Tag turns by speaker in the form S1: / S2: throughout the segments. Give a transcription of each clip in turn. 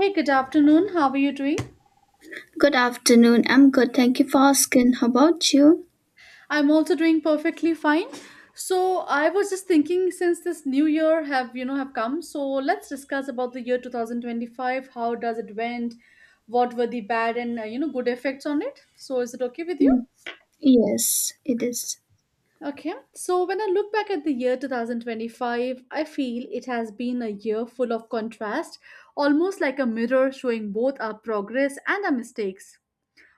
S1: Hey, good afternoon. How are you doing?
S2: Good afternoon. I'm good, thank you for asking. How about you?
S1: I'm also doing perfectly fine. So I was just thinking since this new year have you know have come, so let's discuss about the year 2025. How does it went? What were the bad and good effects on it? So is it okay with you?
S2: Mm. Yes, it is.
S1: Okay. So when I look back at the year 2025, I feel it has been a year full of contrast, almost like a mirror showing both our progress and our mistakes.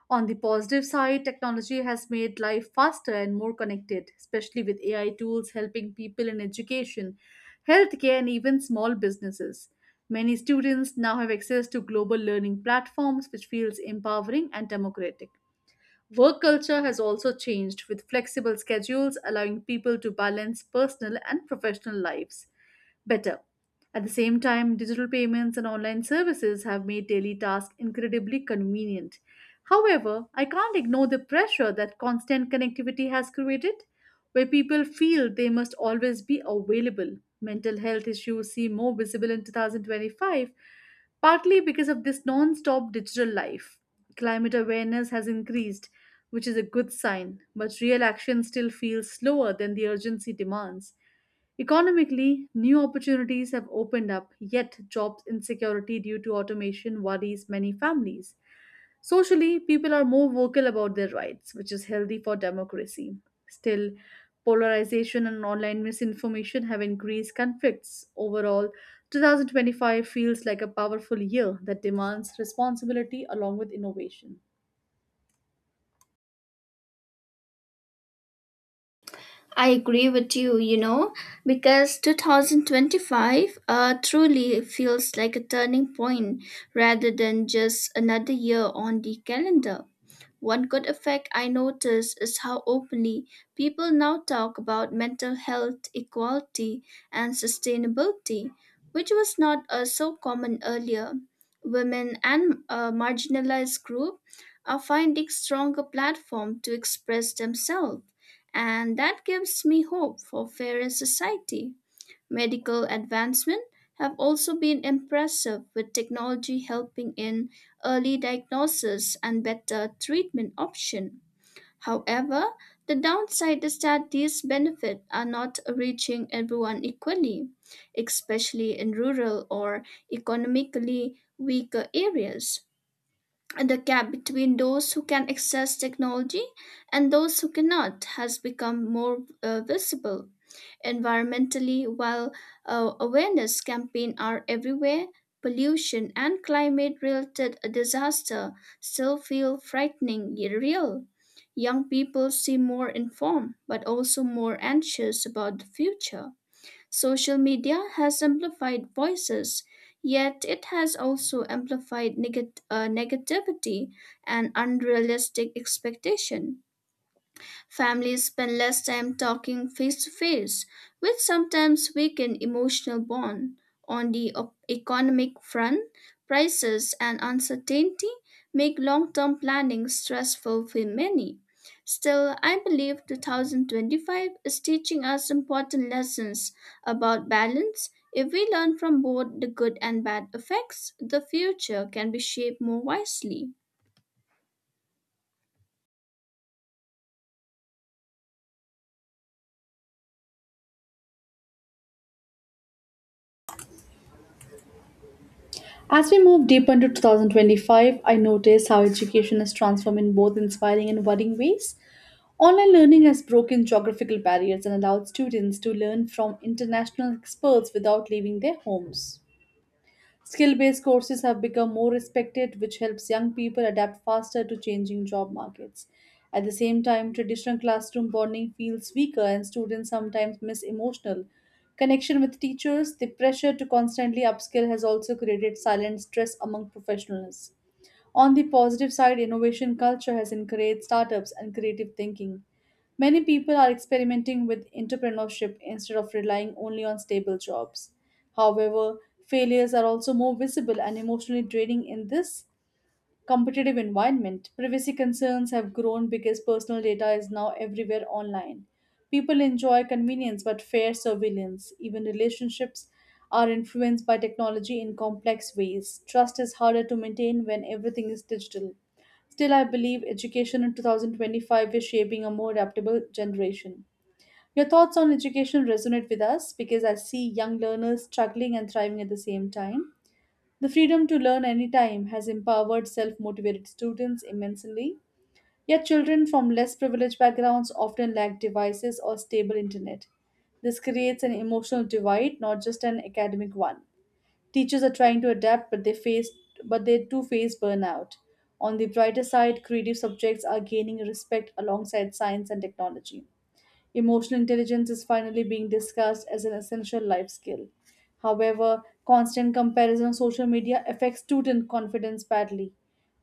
S1: On the positive side, technology has made life faster and more connected, especially with AI tools helping people in education, healthcare, and even small businesses. Many students now have access to global learning platforms, which feels empowering and democratic. Work culture has also changed with flexible schedules allowing people to balance personal and professional lives better. At the same time, digital payments and online services have made daily tasks incredibly convenient. However, I can't ignore the pressure that constant connectivity has created where people feel they must always be available. Mental health issues seem more visible in 2025, partly because of this non stop digital life. Climate awareness has increased, which is a good sign, but real action still feels slower than the urgency demands. Economically, new opportunities have opened up, yet, job insecurity due to automation worries many families. Socially, people are more vocal about their rights, which is healthy for democracy. Still, polarization and online misinformation have increased conflicts. Overall, 2025 feels like a powerful year that demands responsibility along with innovation.
S2: I agree with you, because 2025 truly feels like a turning point rather than just another year on the calendar. One good effect I notice is how openly people now talk about mental health, equality, and sustainability, which was not so common earlier. Women and marginalized groups are finding stronger platform to express themselves, and that gives me hope for fairer society. Medical advancement have also been impressive, with technology helping in early diagnosis and better treatment option. However, the downside is that these benefits are not reaching everyone equally, especially in rural or economically weaker areas. And the gap between those who can access technology and those who cannot has become more visible. Environmentally, while awareness campaigns are everywhere, pollution and climate-related disaster still feel frightening yet real. Young people seem more informed, but also more anxious about the future. Social media has amplified voices, yet it has also amplified negativity and unrealistic expectation. Families spend less time talking face to face, which sometimes weaken emotional bond. On the economic front, prices and uncertainty make long-term planning stressful for many. Still, I believe 2025 is teaching us important lessons about balance. If we learn from both the good and bad effects, the future can be shaped more wisely.
S1: As we move deeper into 2025, I notice how education has transformed in both inspiring and worrying ways. Online learning has broken geographical barriers and allowed students to learn from international experts without leaving their homes. Skill based courses have become more respected, which helps young people adapt faster to changing job markets. At the same time, traditional classroom bonding feels weaker, and students sometimes miss emotional connection with teachers. The pressure to constantly upskill has also created silent stress among professionals. On the positive side, innovation culture has encouraged startups and creative thinking. Many people are experimenting with entrepreneurship instead of relying only on stable jobs. However, failures are also more visible and emotionally draining in this competitive environment. Privacy concerns have grown because personal data is now everywhere online. People enjoy convenience but fear surveillance. Even relationships are influenced by technology in complex ways. Trust is harder to maintain when everything is digital. Still, I believe education in 2025 is shaping a more adaptable generation. Your thoughts on education resonate with us because I see young learners struggling and thriving at the same time. The freedom to learn anytime has empowered self motivated students immensely. Yet, children from less privileged backgrounds often lack devices or stable internet. This creates an emotional divide, not just an academic one. Teachers are trying to adapt, but they face but they too face burnout. On the brighter side, creative subjects are gaining respect alongside science and technology. Emotional intelligence is finally being discussed as an essential life skill. However, constant comparison on social media affects student confidence badly.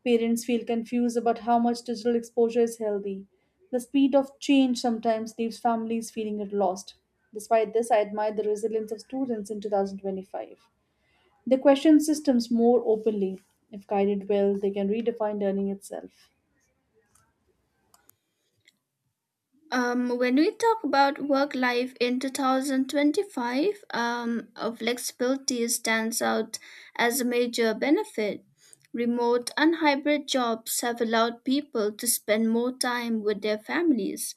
S1: Parents feel confused about how much digital exposure is healthy. The speed of change sometimes leaves families feeling at lost. Despite this, I admire the resilience of students in 2025. They question systems more openly. If guided well, they can redefine learning itself.
S2: When we talk about work life in 2025, flexibility stands out as a major benefit. Remote and hybrid jobs have allowed people to spend more time with their families.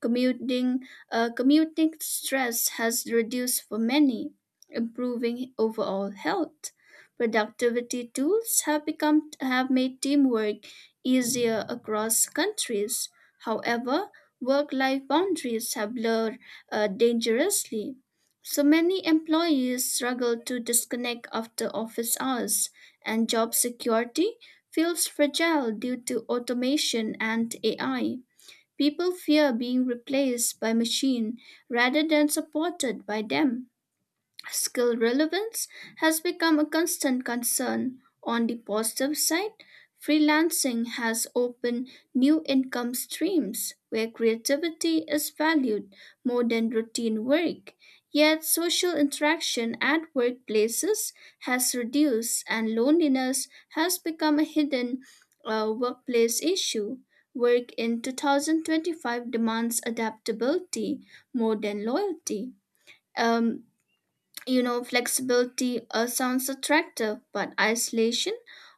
S2: Commuting, Commuting stress has reduced for many, improving overall health. Productivity tools have made teamwork easier across countries. However, work life boundaries have blurred dangerously. So many employees struggle to disconnect after office hours, and job security feels fragile due to automation and AI. People fear being replaced by machine rather than supported by them. Skill relevance has become a constant concern. On the positive side, freelancing has opened new income streams where creativity is valued more than routine work. Yet, social interaction at workplaces has reduced, and loneliness has become a hidden workplace issue. Work in 2025 demands adaptability more than loyalty. Um, Flexibility sounds attractive, but isolation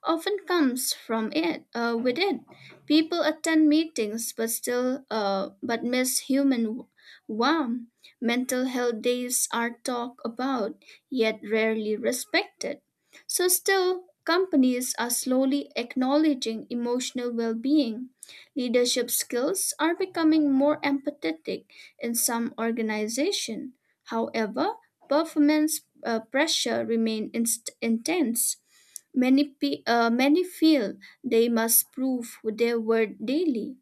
S2: often comes from it. With it, people attend meetings but still but miss human warmth. Mental health days are talked about, yet rarely respected. So, still, companies are slowly acknowledging emotional well being. Leadership skills are becoming more empathetic in some organizations. However, performance pressure remain intense. Many feel they must prove their worth daily.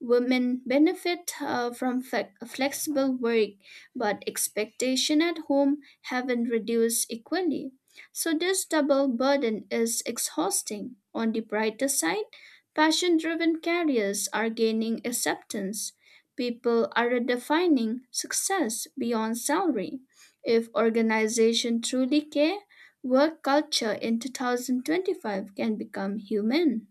S2: Women benefit from flexible work, but expectation at home haven't reduced equally. So this double burden is exhausting. On the brighter side, passion-driven careers are gaining acceptance. People are redefining success beyond salary. If organizations truly care, work culture in 2025 can become human.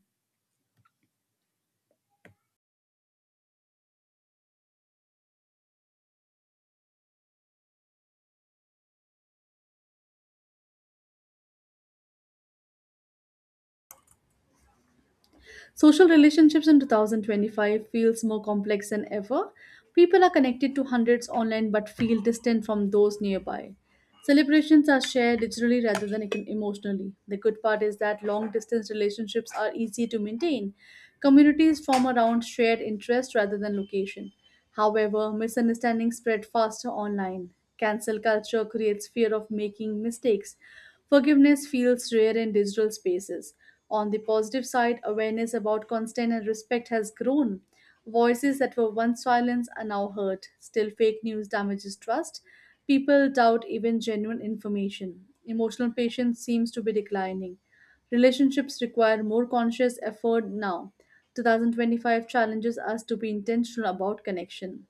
S1: Social relationships in 2025 feels more complex than ever. People are connected to hundreds online but feel distant from those nearby. Celebrations are shared digitally rather than emotionally. The good part is that long distance relationships are easy to maintain. Communities form around shared interest rather than location. However, misunderstandings spread faster online. Cancel culture creates fear of making mistakes. Forgiveness feels rare in digital spaces. On the positive side, awareness about consent and respect has grown. Voices that were once silenced are now heard. Still, fake news damages trust. People doubt even genuine information. Emotional patience seems to be declining. Relationships require more conscious effort now. 2025 challenges us to be intentional about connection.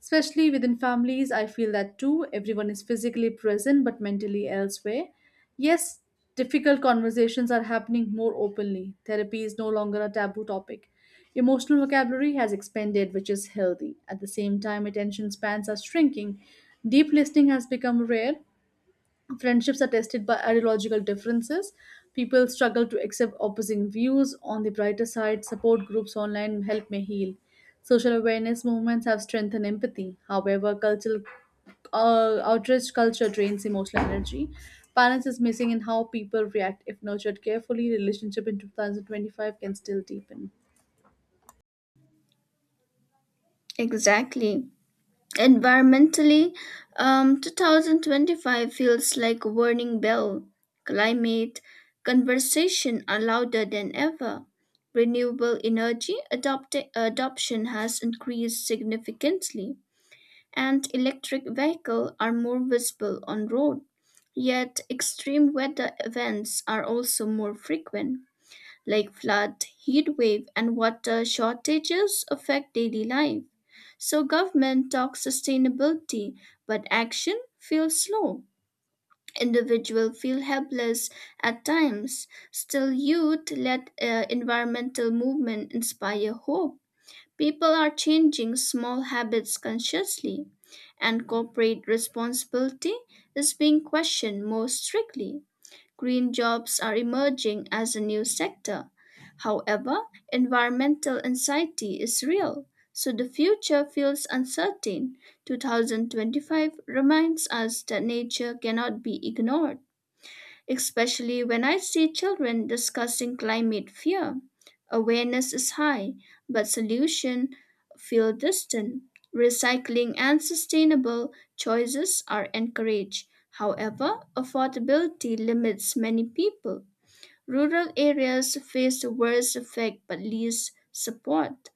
S1: Especially within families, I feel that too. Everyone is physically present but mentally elsewhere. Yes, difficult conversations are happening more openly. Therapy is no longer a taboo topic. Emotional vocabulary has expanded, which is healthy. At the same time, attention spans are shrinking. Deep listening has become rare. Friendships are tested by ideological differences. People struggle to accept opposing views. On the brighter side, support groups online help may heal. Social awareness movements have strengthened empathy. However, cultural outrage culture drains emotional energy. Balance is missing in how people react. If nurtured carefully, relationship in 2025 can still deepen.
S2: Exactly. Environmentally, 2025 feels like a warning bell. Climate conversation are louder than ever. Renewable energy adoption has increased significantly, and electric vehicles are more visible on road. Yet, extreme weather events are also more frequent, like flood, heat wave, and water shortages affect daily life. So government talks sustainability, but action feels slow. Individuals feel helpless at times. Still, youth led environmental movement inspire hope. People are changing small habits consciously, and corporate responsibility is being questioned more strictly. Green jobs are emerging as a new sector. However, environmental anxiety is real, so the future feels uncertain. 2025 reminds us that nature cannot be ignored, especially when I see children discussing climate fear. Awareness is high, but solution feel distant. Recycling and sustainable choices are encouraged. However, affordability limits many people. Rural areas face the worst effect but least support.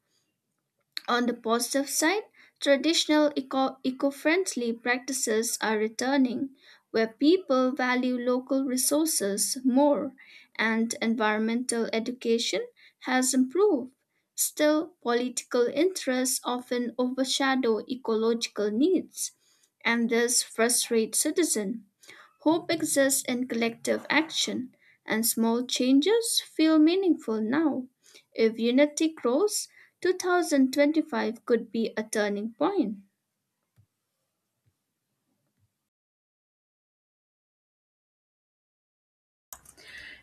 S2: On the positive side, traditional eco-friendly practices are returning, where people value local resources more, and environmental education has improved. Still, political interests often overshadow ecological needs, and this frustrates citizens. Hope exists in collective action, and small changes feel meaningful now. If unity grows, 2025 could be a turning point.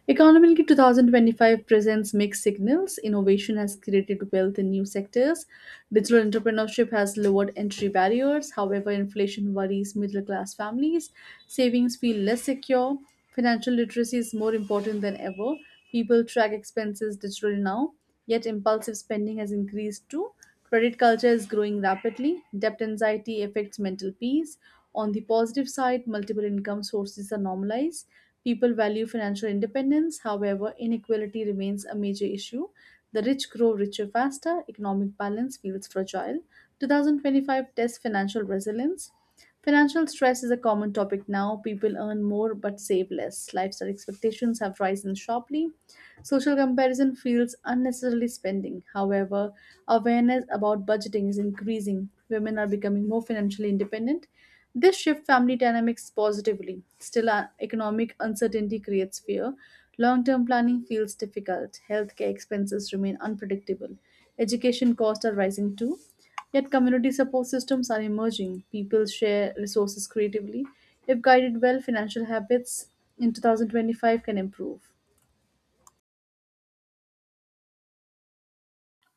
S1: Economically, 2025 presents mixed signals. Innovation has created wealth in new sectors. Digital entrepreneurship has lowered entry barriers. However, inflation worries middle class families. Savings feel less secure. Financial literacy is more important than ever. People track expenses digitally now, yet impulsive spending has increased too. Credit culture is growing rapidly. Debt anxiety affects mental peace. On the positive side, multiple income sources are normalized. People value financial independence. However, inequality remains a major issue. The rich grow richer faster. Economic balance feels fragile. 2025 tests financial resilience. Financial stress is a common topic now. People earn more but save less. Lifestyle expectations have risen sharply. Social comparison fuels unnecessary spending. However, awareness about budgeting is increasing. Women are becoming more financially independent. This shift family dynamics positively. Still, economic uncertainty creates fear. Long term planning feels difficult. Healthcare expenses remain unpredictable. Education costs are rising too. Yet, community support systems are emerging. People share resources creatively. If guided well, financial habits in 2025 can improve.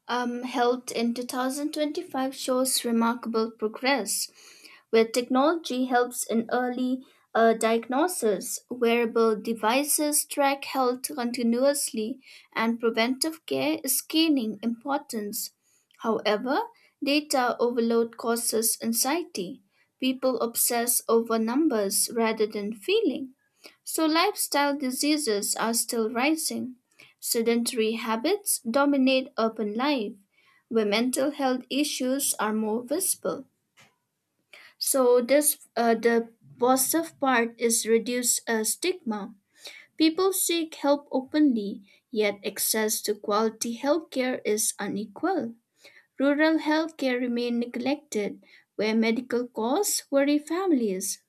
S2: Health in 2025 shows remarkable progress, where technology helps in early diagnosis, wearable devices track health continuously, and preventive care is gaining importance. However, data overload causes anxiety. People obsess over numbers rather than feeling. So, lifestyle diseases are still rising. Sedentary habits dominate urban life, where mental health issues are more visible. So, this the positive part is reduce stigma. People seek help openly, yet access to quality healthcare is unequal. Rural healthcare remain neglected, where medical costs worry families,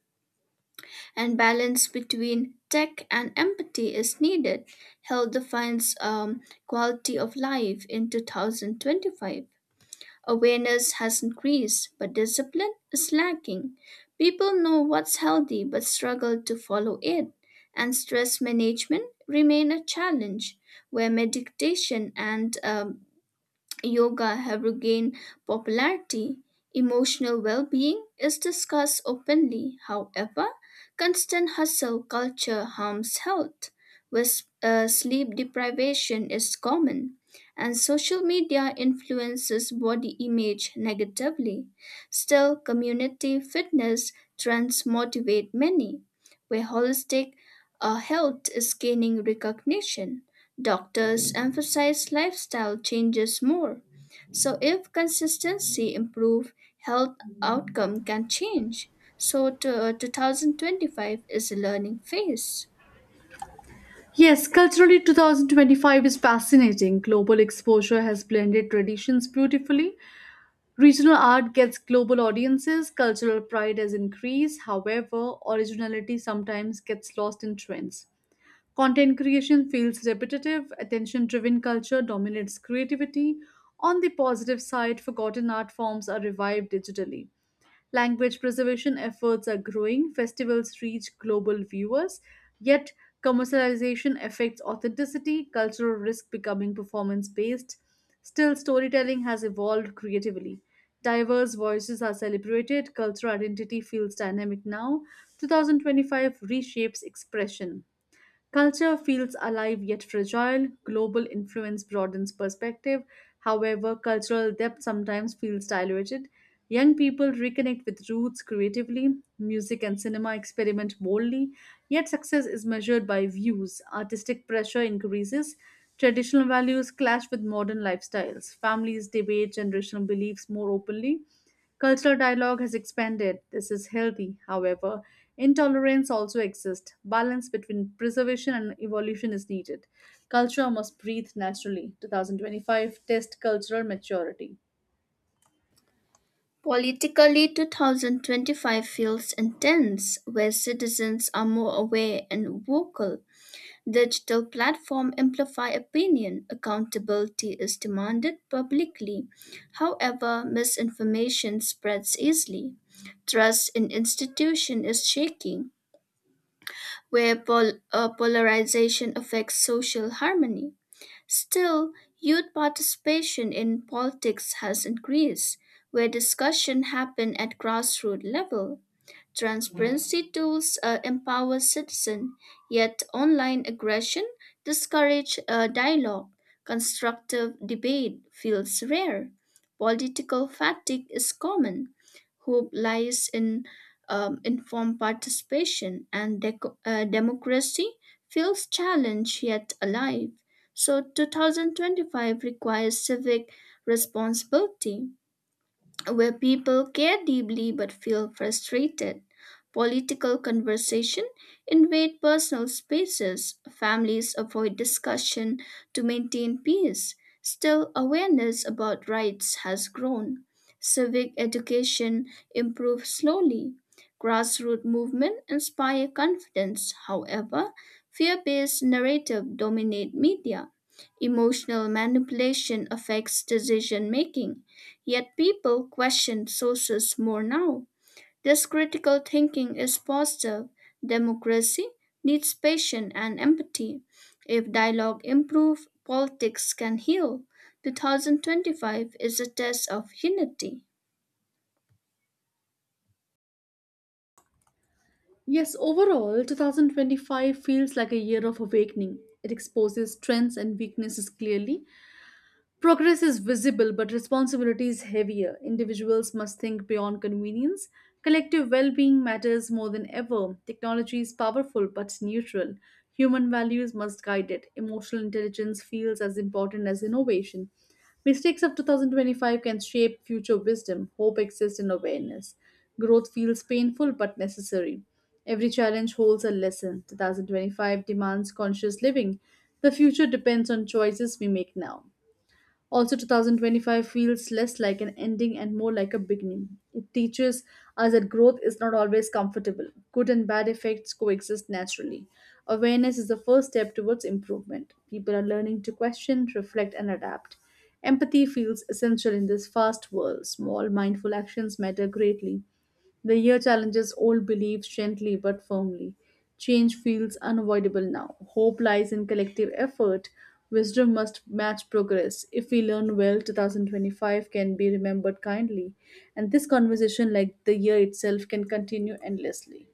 S2: and balance between tech and empathy is needed. Health defines quality of life in 2025. Awareness has increased, but discipline is lacking. People know what's healthy but struggle to follow it, and stress management remain a challenge, where meditation and yoga have regained popularity. Emotional well being is discussed openly. However, constant hustle culture harms health, where sleep deprivation is common, and social media influences body image negatively. Still, community fitness trends motivate many, where holistic health is gaining recognition. Doctors emphasize lifestyle changes more. So if consistency improve, health outcome can change. So to, 2025 is a learning phase.
S1: Yes, culturally, 2025 is fascinating. Global exposure has blended traditions beautifully. Regional art gets global audiences. Cultural pride has increased. However, originality sometimes gets lost in trends. Content creation feels repetitive. Attention driven culture dominates creativity. On the positive side, forgotten art forms are revived digitally. Language preservation efforts are growing. Festivals reach global viewers, yet commercialization affects authenticity. Cultural risk becoming performance based. Still, storytelling has evolved creatively. Diverse voices are celebrated. Cultural identity feels dynamic now. 2025 reshapes expression. Culture feels alive yet fragile. Global influence broadens perspective. However, cultural depth sometimes feels diluted. Young people reconnect with roots creatively. Music and cinema experiment boldly. Yet, success is measured by views. Artistic pressure increases. Traditional values clash with modern lifestyles. Families debate generational beliefs more openly. Cultural dialogue has expanded. This is healthy. However, intolerance also exists. Balance between preservation and evolution is needed. Culture must breathe naturally. 2025 test cultural maturity.
S2: Politically, 2025 feels intense, where citizens are more aware and vocal. Digital platforms amplify opinion. Accountability is demanded publicly. However, misinformation spreads easily. Trust in institution is shaking, where polarization affects social harmony. Still, youth participation in politics has increased, where discussion happen at grassroots level. Transparency tools empower citizens, yet online aggression discourages dialogue. Constructive debate feels rare. Political fatigue is common. Hope lies in informed participation, and democracy feels challenged yet alive. So, 2025 requires civic responsibility, where people care deeply but feel frustrated. Political conversation invade personal spaces. Families avoid discussion to maintain peace. Still, awareness about rights has grown. Civic education improves slowly. Grassroots movement inspire confidence. However, fear-based narrative dominate media. Emotional manipulation affects decision making. Yet people question sources more now. This critical thinking is positive. Democracy needs patience and empathy. If dialogue improves, politics can heal. 2025 is a test of unity.
S1: Yes, overall, 2025 feels like a year of awakening. It exposes strengths and weaknesses clearly. Progress is visible, but responsibility is heavier. Individuals must think beyond convenience. Collective well being matters more than ever. Technology is powerful but neutral. Human values must guide it. Emotional intelligence feels as important as innovation. Mistakes of 2025 can shape future wisdom. Hope exists in awareness. Growth feels painful but necessary. Every challenge holds a lesson. 2025 demands conscious living. The future depends on choices we make now. Also, 2025 feels less like an ending and more like a beginning. It teaches us that growth is not always comfortable. Good and bad effects coexist naturally. Awareness is the first step towards improvement. People are learning to question, reflect, and adapt. Empathy feels essential in this fast world. Small, mindful actions matter greatly. The year challenges old beliefs gently but firmly. Change feels unavoidable now. Hope lies in collective effort. Wisdom must match progress. If we learn well, 2025 can be remembered kindly. And this conversation, like the year itself, can continue endlessly.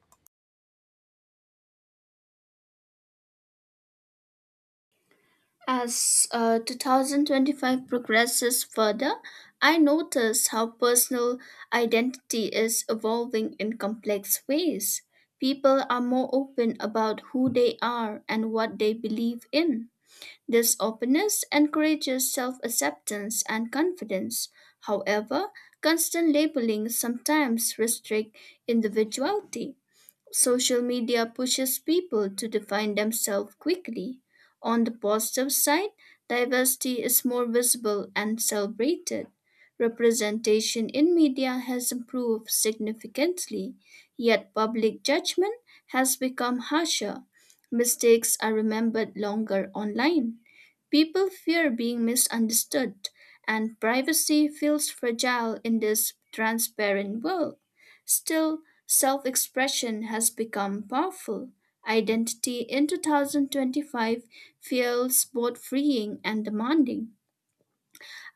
S2: As 2025 progresses further, I notice how personal identity is evolving in complex ways. People are more open about who they are and what they believe in. This openness encourages self acceptance and confidence. However, constant labeling sometimes restricts individuality. Social media pushes people to define themselves quickly. On the positive side, diversity is more visible and celebrated. Representation in media has improved significantly, yet public judgment has become harsher. Mistakes are remembered longer online. People fear being misunderstood, and privacy feels fragile in this transparent world. Still, self expression has become powerful. Identity in 2025 feels both freeing and demanding.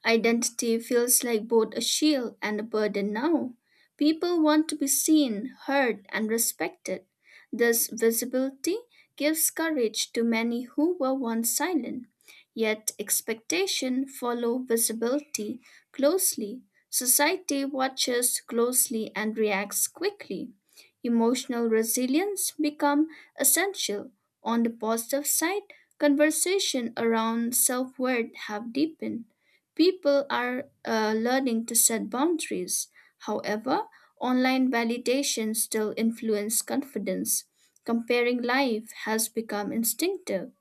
S2: Identity feels like both a shield and a burden now. People want to be seen, heard, and respected. This visibility gives courage to many who were once silent. Yet expectation follow visibility closely. Society watches closely and reacts quickly. Emotional resilience become essential. On the positive side, conversation around self-worth have deepened. People are learning to set boundaries. However, online validation still influences confidence. Comparing life has become instinctive.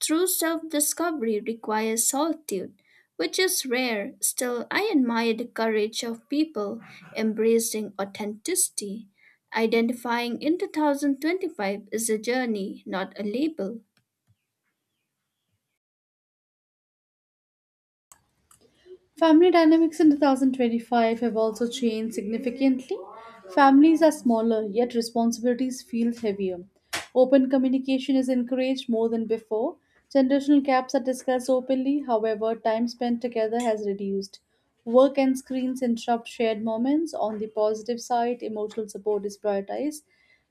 S2: True self discovery requires solitude, which is rare. Still, I admire the courage of people embracing authenticity. Identifying in 2025 is a journey, not a label.
S1: Family dynamics in 2025 have also changed significantly. Families are smaller, yet responsibilities feel heavier. Open communication is encouraged more than before. Generational gaps are discussed openly. However, time spent together has reduced. Work and screens interrupt shared moments. On the positive side, emotional support is prioritized.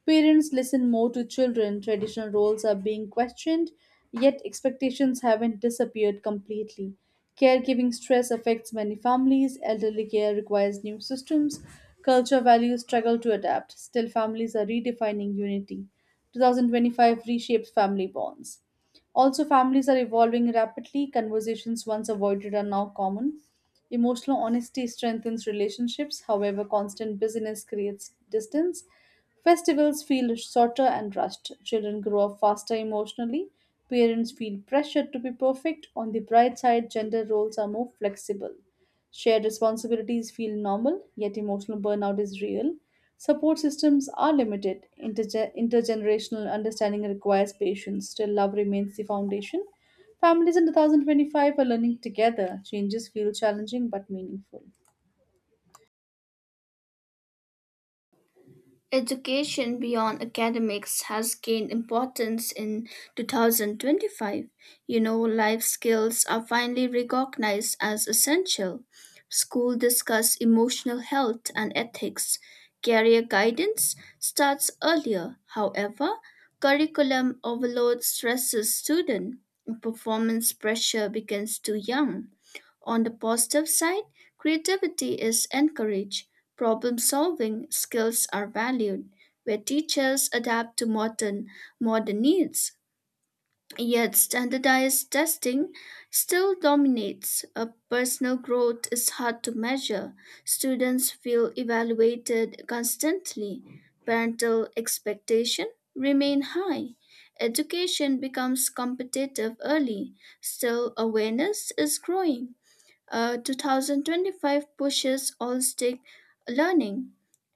S1: Parents listen more to children. Traditional roles are being questioned, yet expectations haven't disappeared completely. Caregiving stress affects many families. Elderly care requires new systems. Culture values struggle to adapt. Still, families are redefining unity. 2025 reshapes family bonds. Also, families are evolving rapidly. Conversations once avoided are now common. Emotional honesty strengthens relationships. However, constant busyness creates distance. Festivals feel shorter and rushed. Children grow up faster emotionally. Parents feel pressured to be perfect. On the bright side, gender roles are more flexible. Shared responsibilities feel normal, yet emotional burnout is real. Support systems are limited. Intergenerational understanding requires patience. Still, love remains the foundation. Families in 2025 are learning together. Changes feel challenging but meaningful.
S2: Education beyond academics has gained importance in 2025. You know life skills are finally recognized as essential. School discuss emotional health and ethics. Career guidance starts earlier. However, curriculum overload stresses students. Performance pressure begins too young. On the positive side, creativity is encouraged, problem solving skills are valued, where teachers adapt to modern needs. Yet standardized testing still dominates. Personal growth is hard to measure. Students feel evaluated constantly. Parental expectation remain high. Education becomes competitive early. Still awareness is growing. 2025 pushes holistic learning.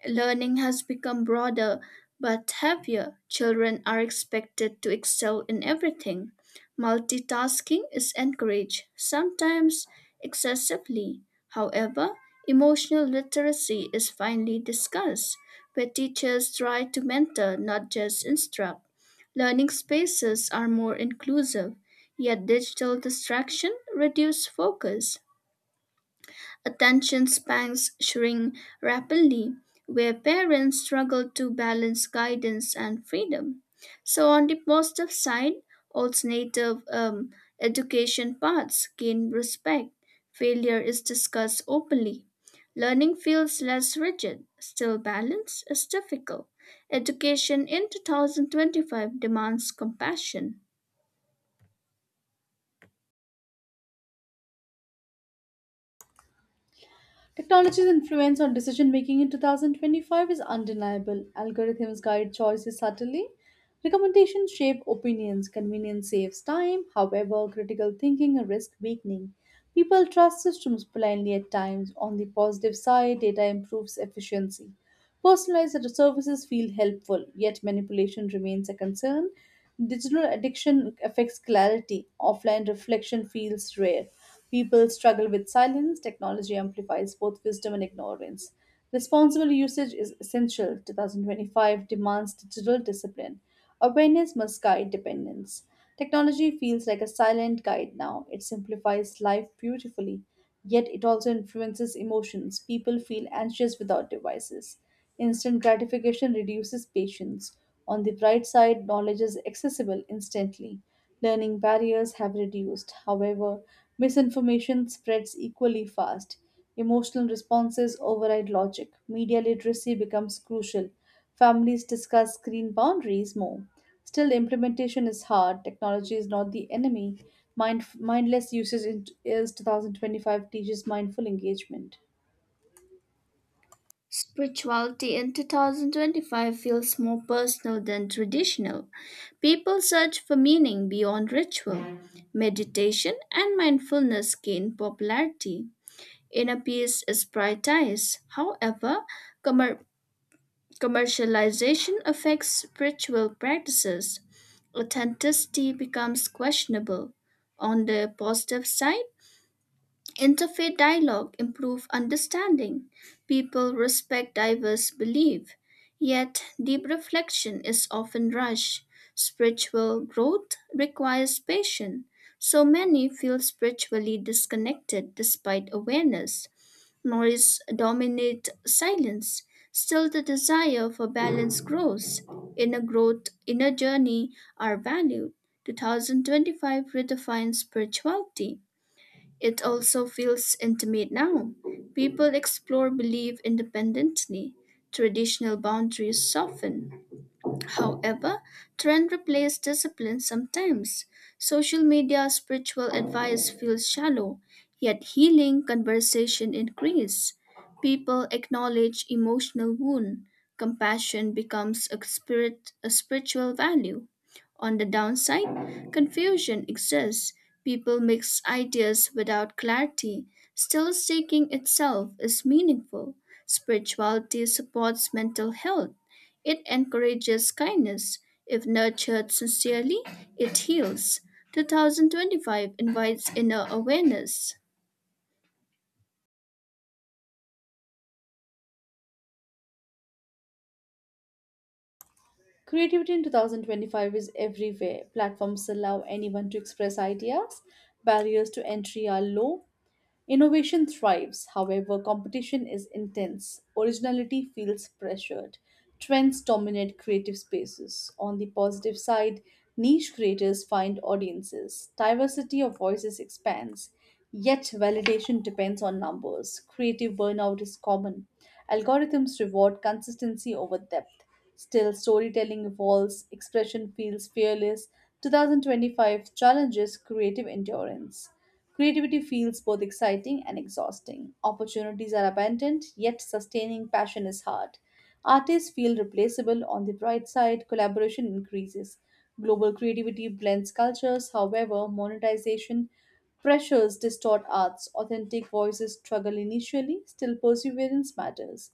S2: Learning has become broader but heavier. Children are expected to excel in everything. Multitasking is encouraged, sometimes excessively. However, emotional literacy is finely discussed, where teachers try to mentor, not just instruct. Learning spaces are more inclusive, yet digital distraction reduce focus. Attention spans shrink rapidly, where parents struggle to balance guidance and freedom. So, on the positive side, alternative education paths gain respect. Failure is discussed openly. Learning feels less rigid, still, balance is difficult. Education in 2025 demands compassion.
S1: Technology's influence on decision making in 2025 is undeniable. Algorithms guide choices subtly. Recommendations shape opinions. Convenience saves time. However, critical thinking risks weakening. People trust systems blindly at times. On the positive side, data improves efficiency. Personalized services feel helpful, yet manipulation remains a concern. Digital addiction affects clarity. Offline reflection feels rare. People struggle with silence. Technology amplifies both wisdom and ignorance. Responsible usage is essential. 2025 demands digital discipline. Awareness must guide dependence. Technology feels like a silent guide now. It simplifies life beautifully, yet it also influences emotions. People feel anxious without devices. Instant gratification reduces patience. On the bright side, knowledge is accessible instantly. Learning barriers have reduced. However, misinformation spreads equally fast. Emotional responses override logic. Media literacy becomes crucial. Families discuss screen boundaries more. Still, implementation is hard. Technology is not the enemy. Mindless usage in, is 2025 teaches mindful engagement.
S2: Spirituality in 2025 feels more personal than traditional. People search for meaning beyond ritual. Meditation and mindfulness gain popularity. Inner peace is prioritized. However, commer- commercialization affects spiritual practices. Authenticity becomes questionable. On the positive side, interfaith dialogue improves understanding. People respect diverse beliefs, yet deep reflection is often rushed. Spiritual growth requires patience, so many feel spiritually disconnected despite awareness. Noise dominates silence. Still, the desire for balance grows. Inner growth, inner journey are valued. 2025 redefines spirituality. It also feels intimate now. People explore belief independently. Traditional boundaries soften. However, trend replaces discipline sometimes. Social media spiritual advice feels shallow, yet healing conversation increase. People acknowledge emotional wound. Compassion becomes a spiritual value. On the downside, confusion exists. People mix ideas without clarity. Still seeking itself is meaningful. Spirituality supports mental health. It encourages kindness. If nurtured sincerely, it heals. 2025 invites inner awareness.
S1: Creativity in 2025 is everywhere. Platforms allow anyone to express ideas. Barriers to entry are low. Innovation thrives. However, competition is intense. Originality feels pressured. Trends dominate creative spaces. On the positive side, niche creators find audiences. Diversity of voices expands, yet validation depends on numbers. Creative burnout is common. Algorithms reward consistency over depth. Still, storytelling evolves. Expression feels fearless. 2025 challenges creative endurance. Creativity feels both exciting and exhausting. Opportunities are abundant, yet sustaining passion is hard. Artists feel replaceable. On the bright side, collaboration increases. Global creativity blends cultures. However, monetization pressures distort arts. Authentic voices struggle initially. Still, perseverance matters.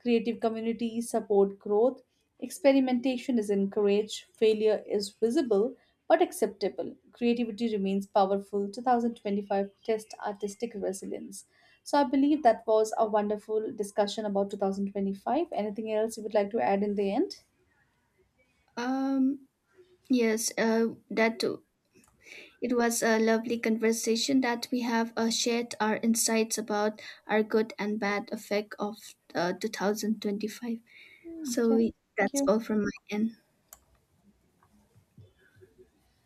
S1: Creative communities support growth. Experimentation is encouraged. Failure is visible but acceptable. Creativity remains powerful. 2025 test artistic resilience. So, I believe that was a wonderful discussion about 2025. Anything else you would like to add in the end?
S2: Um, yes, that too. It was a lovely conversation that we have shared our insights about our good and bad effect of 2025.
S1: Mm. Okay,
S2: So
S1: thank
S2: that's
S1: you.
S2: all from my end.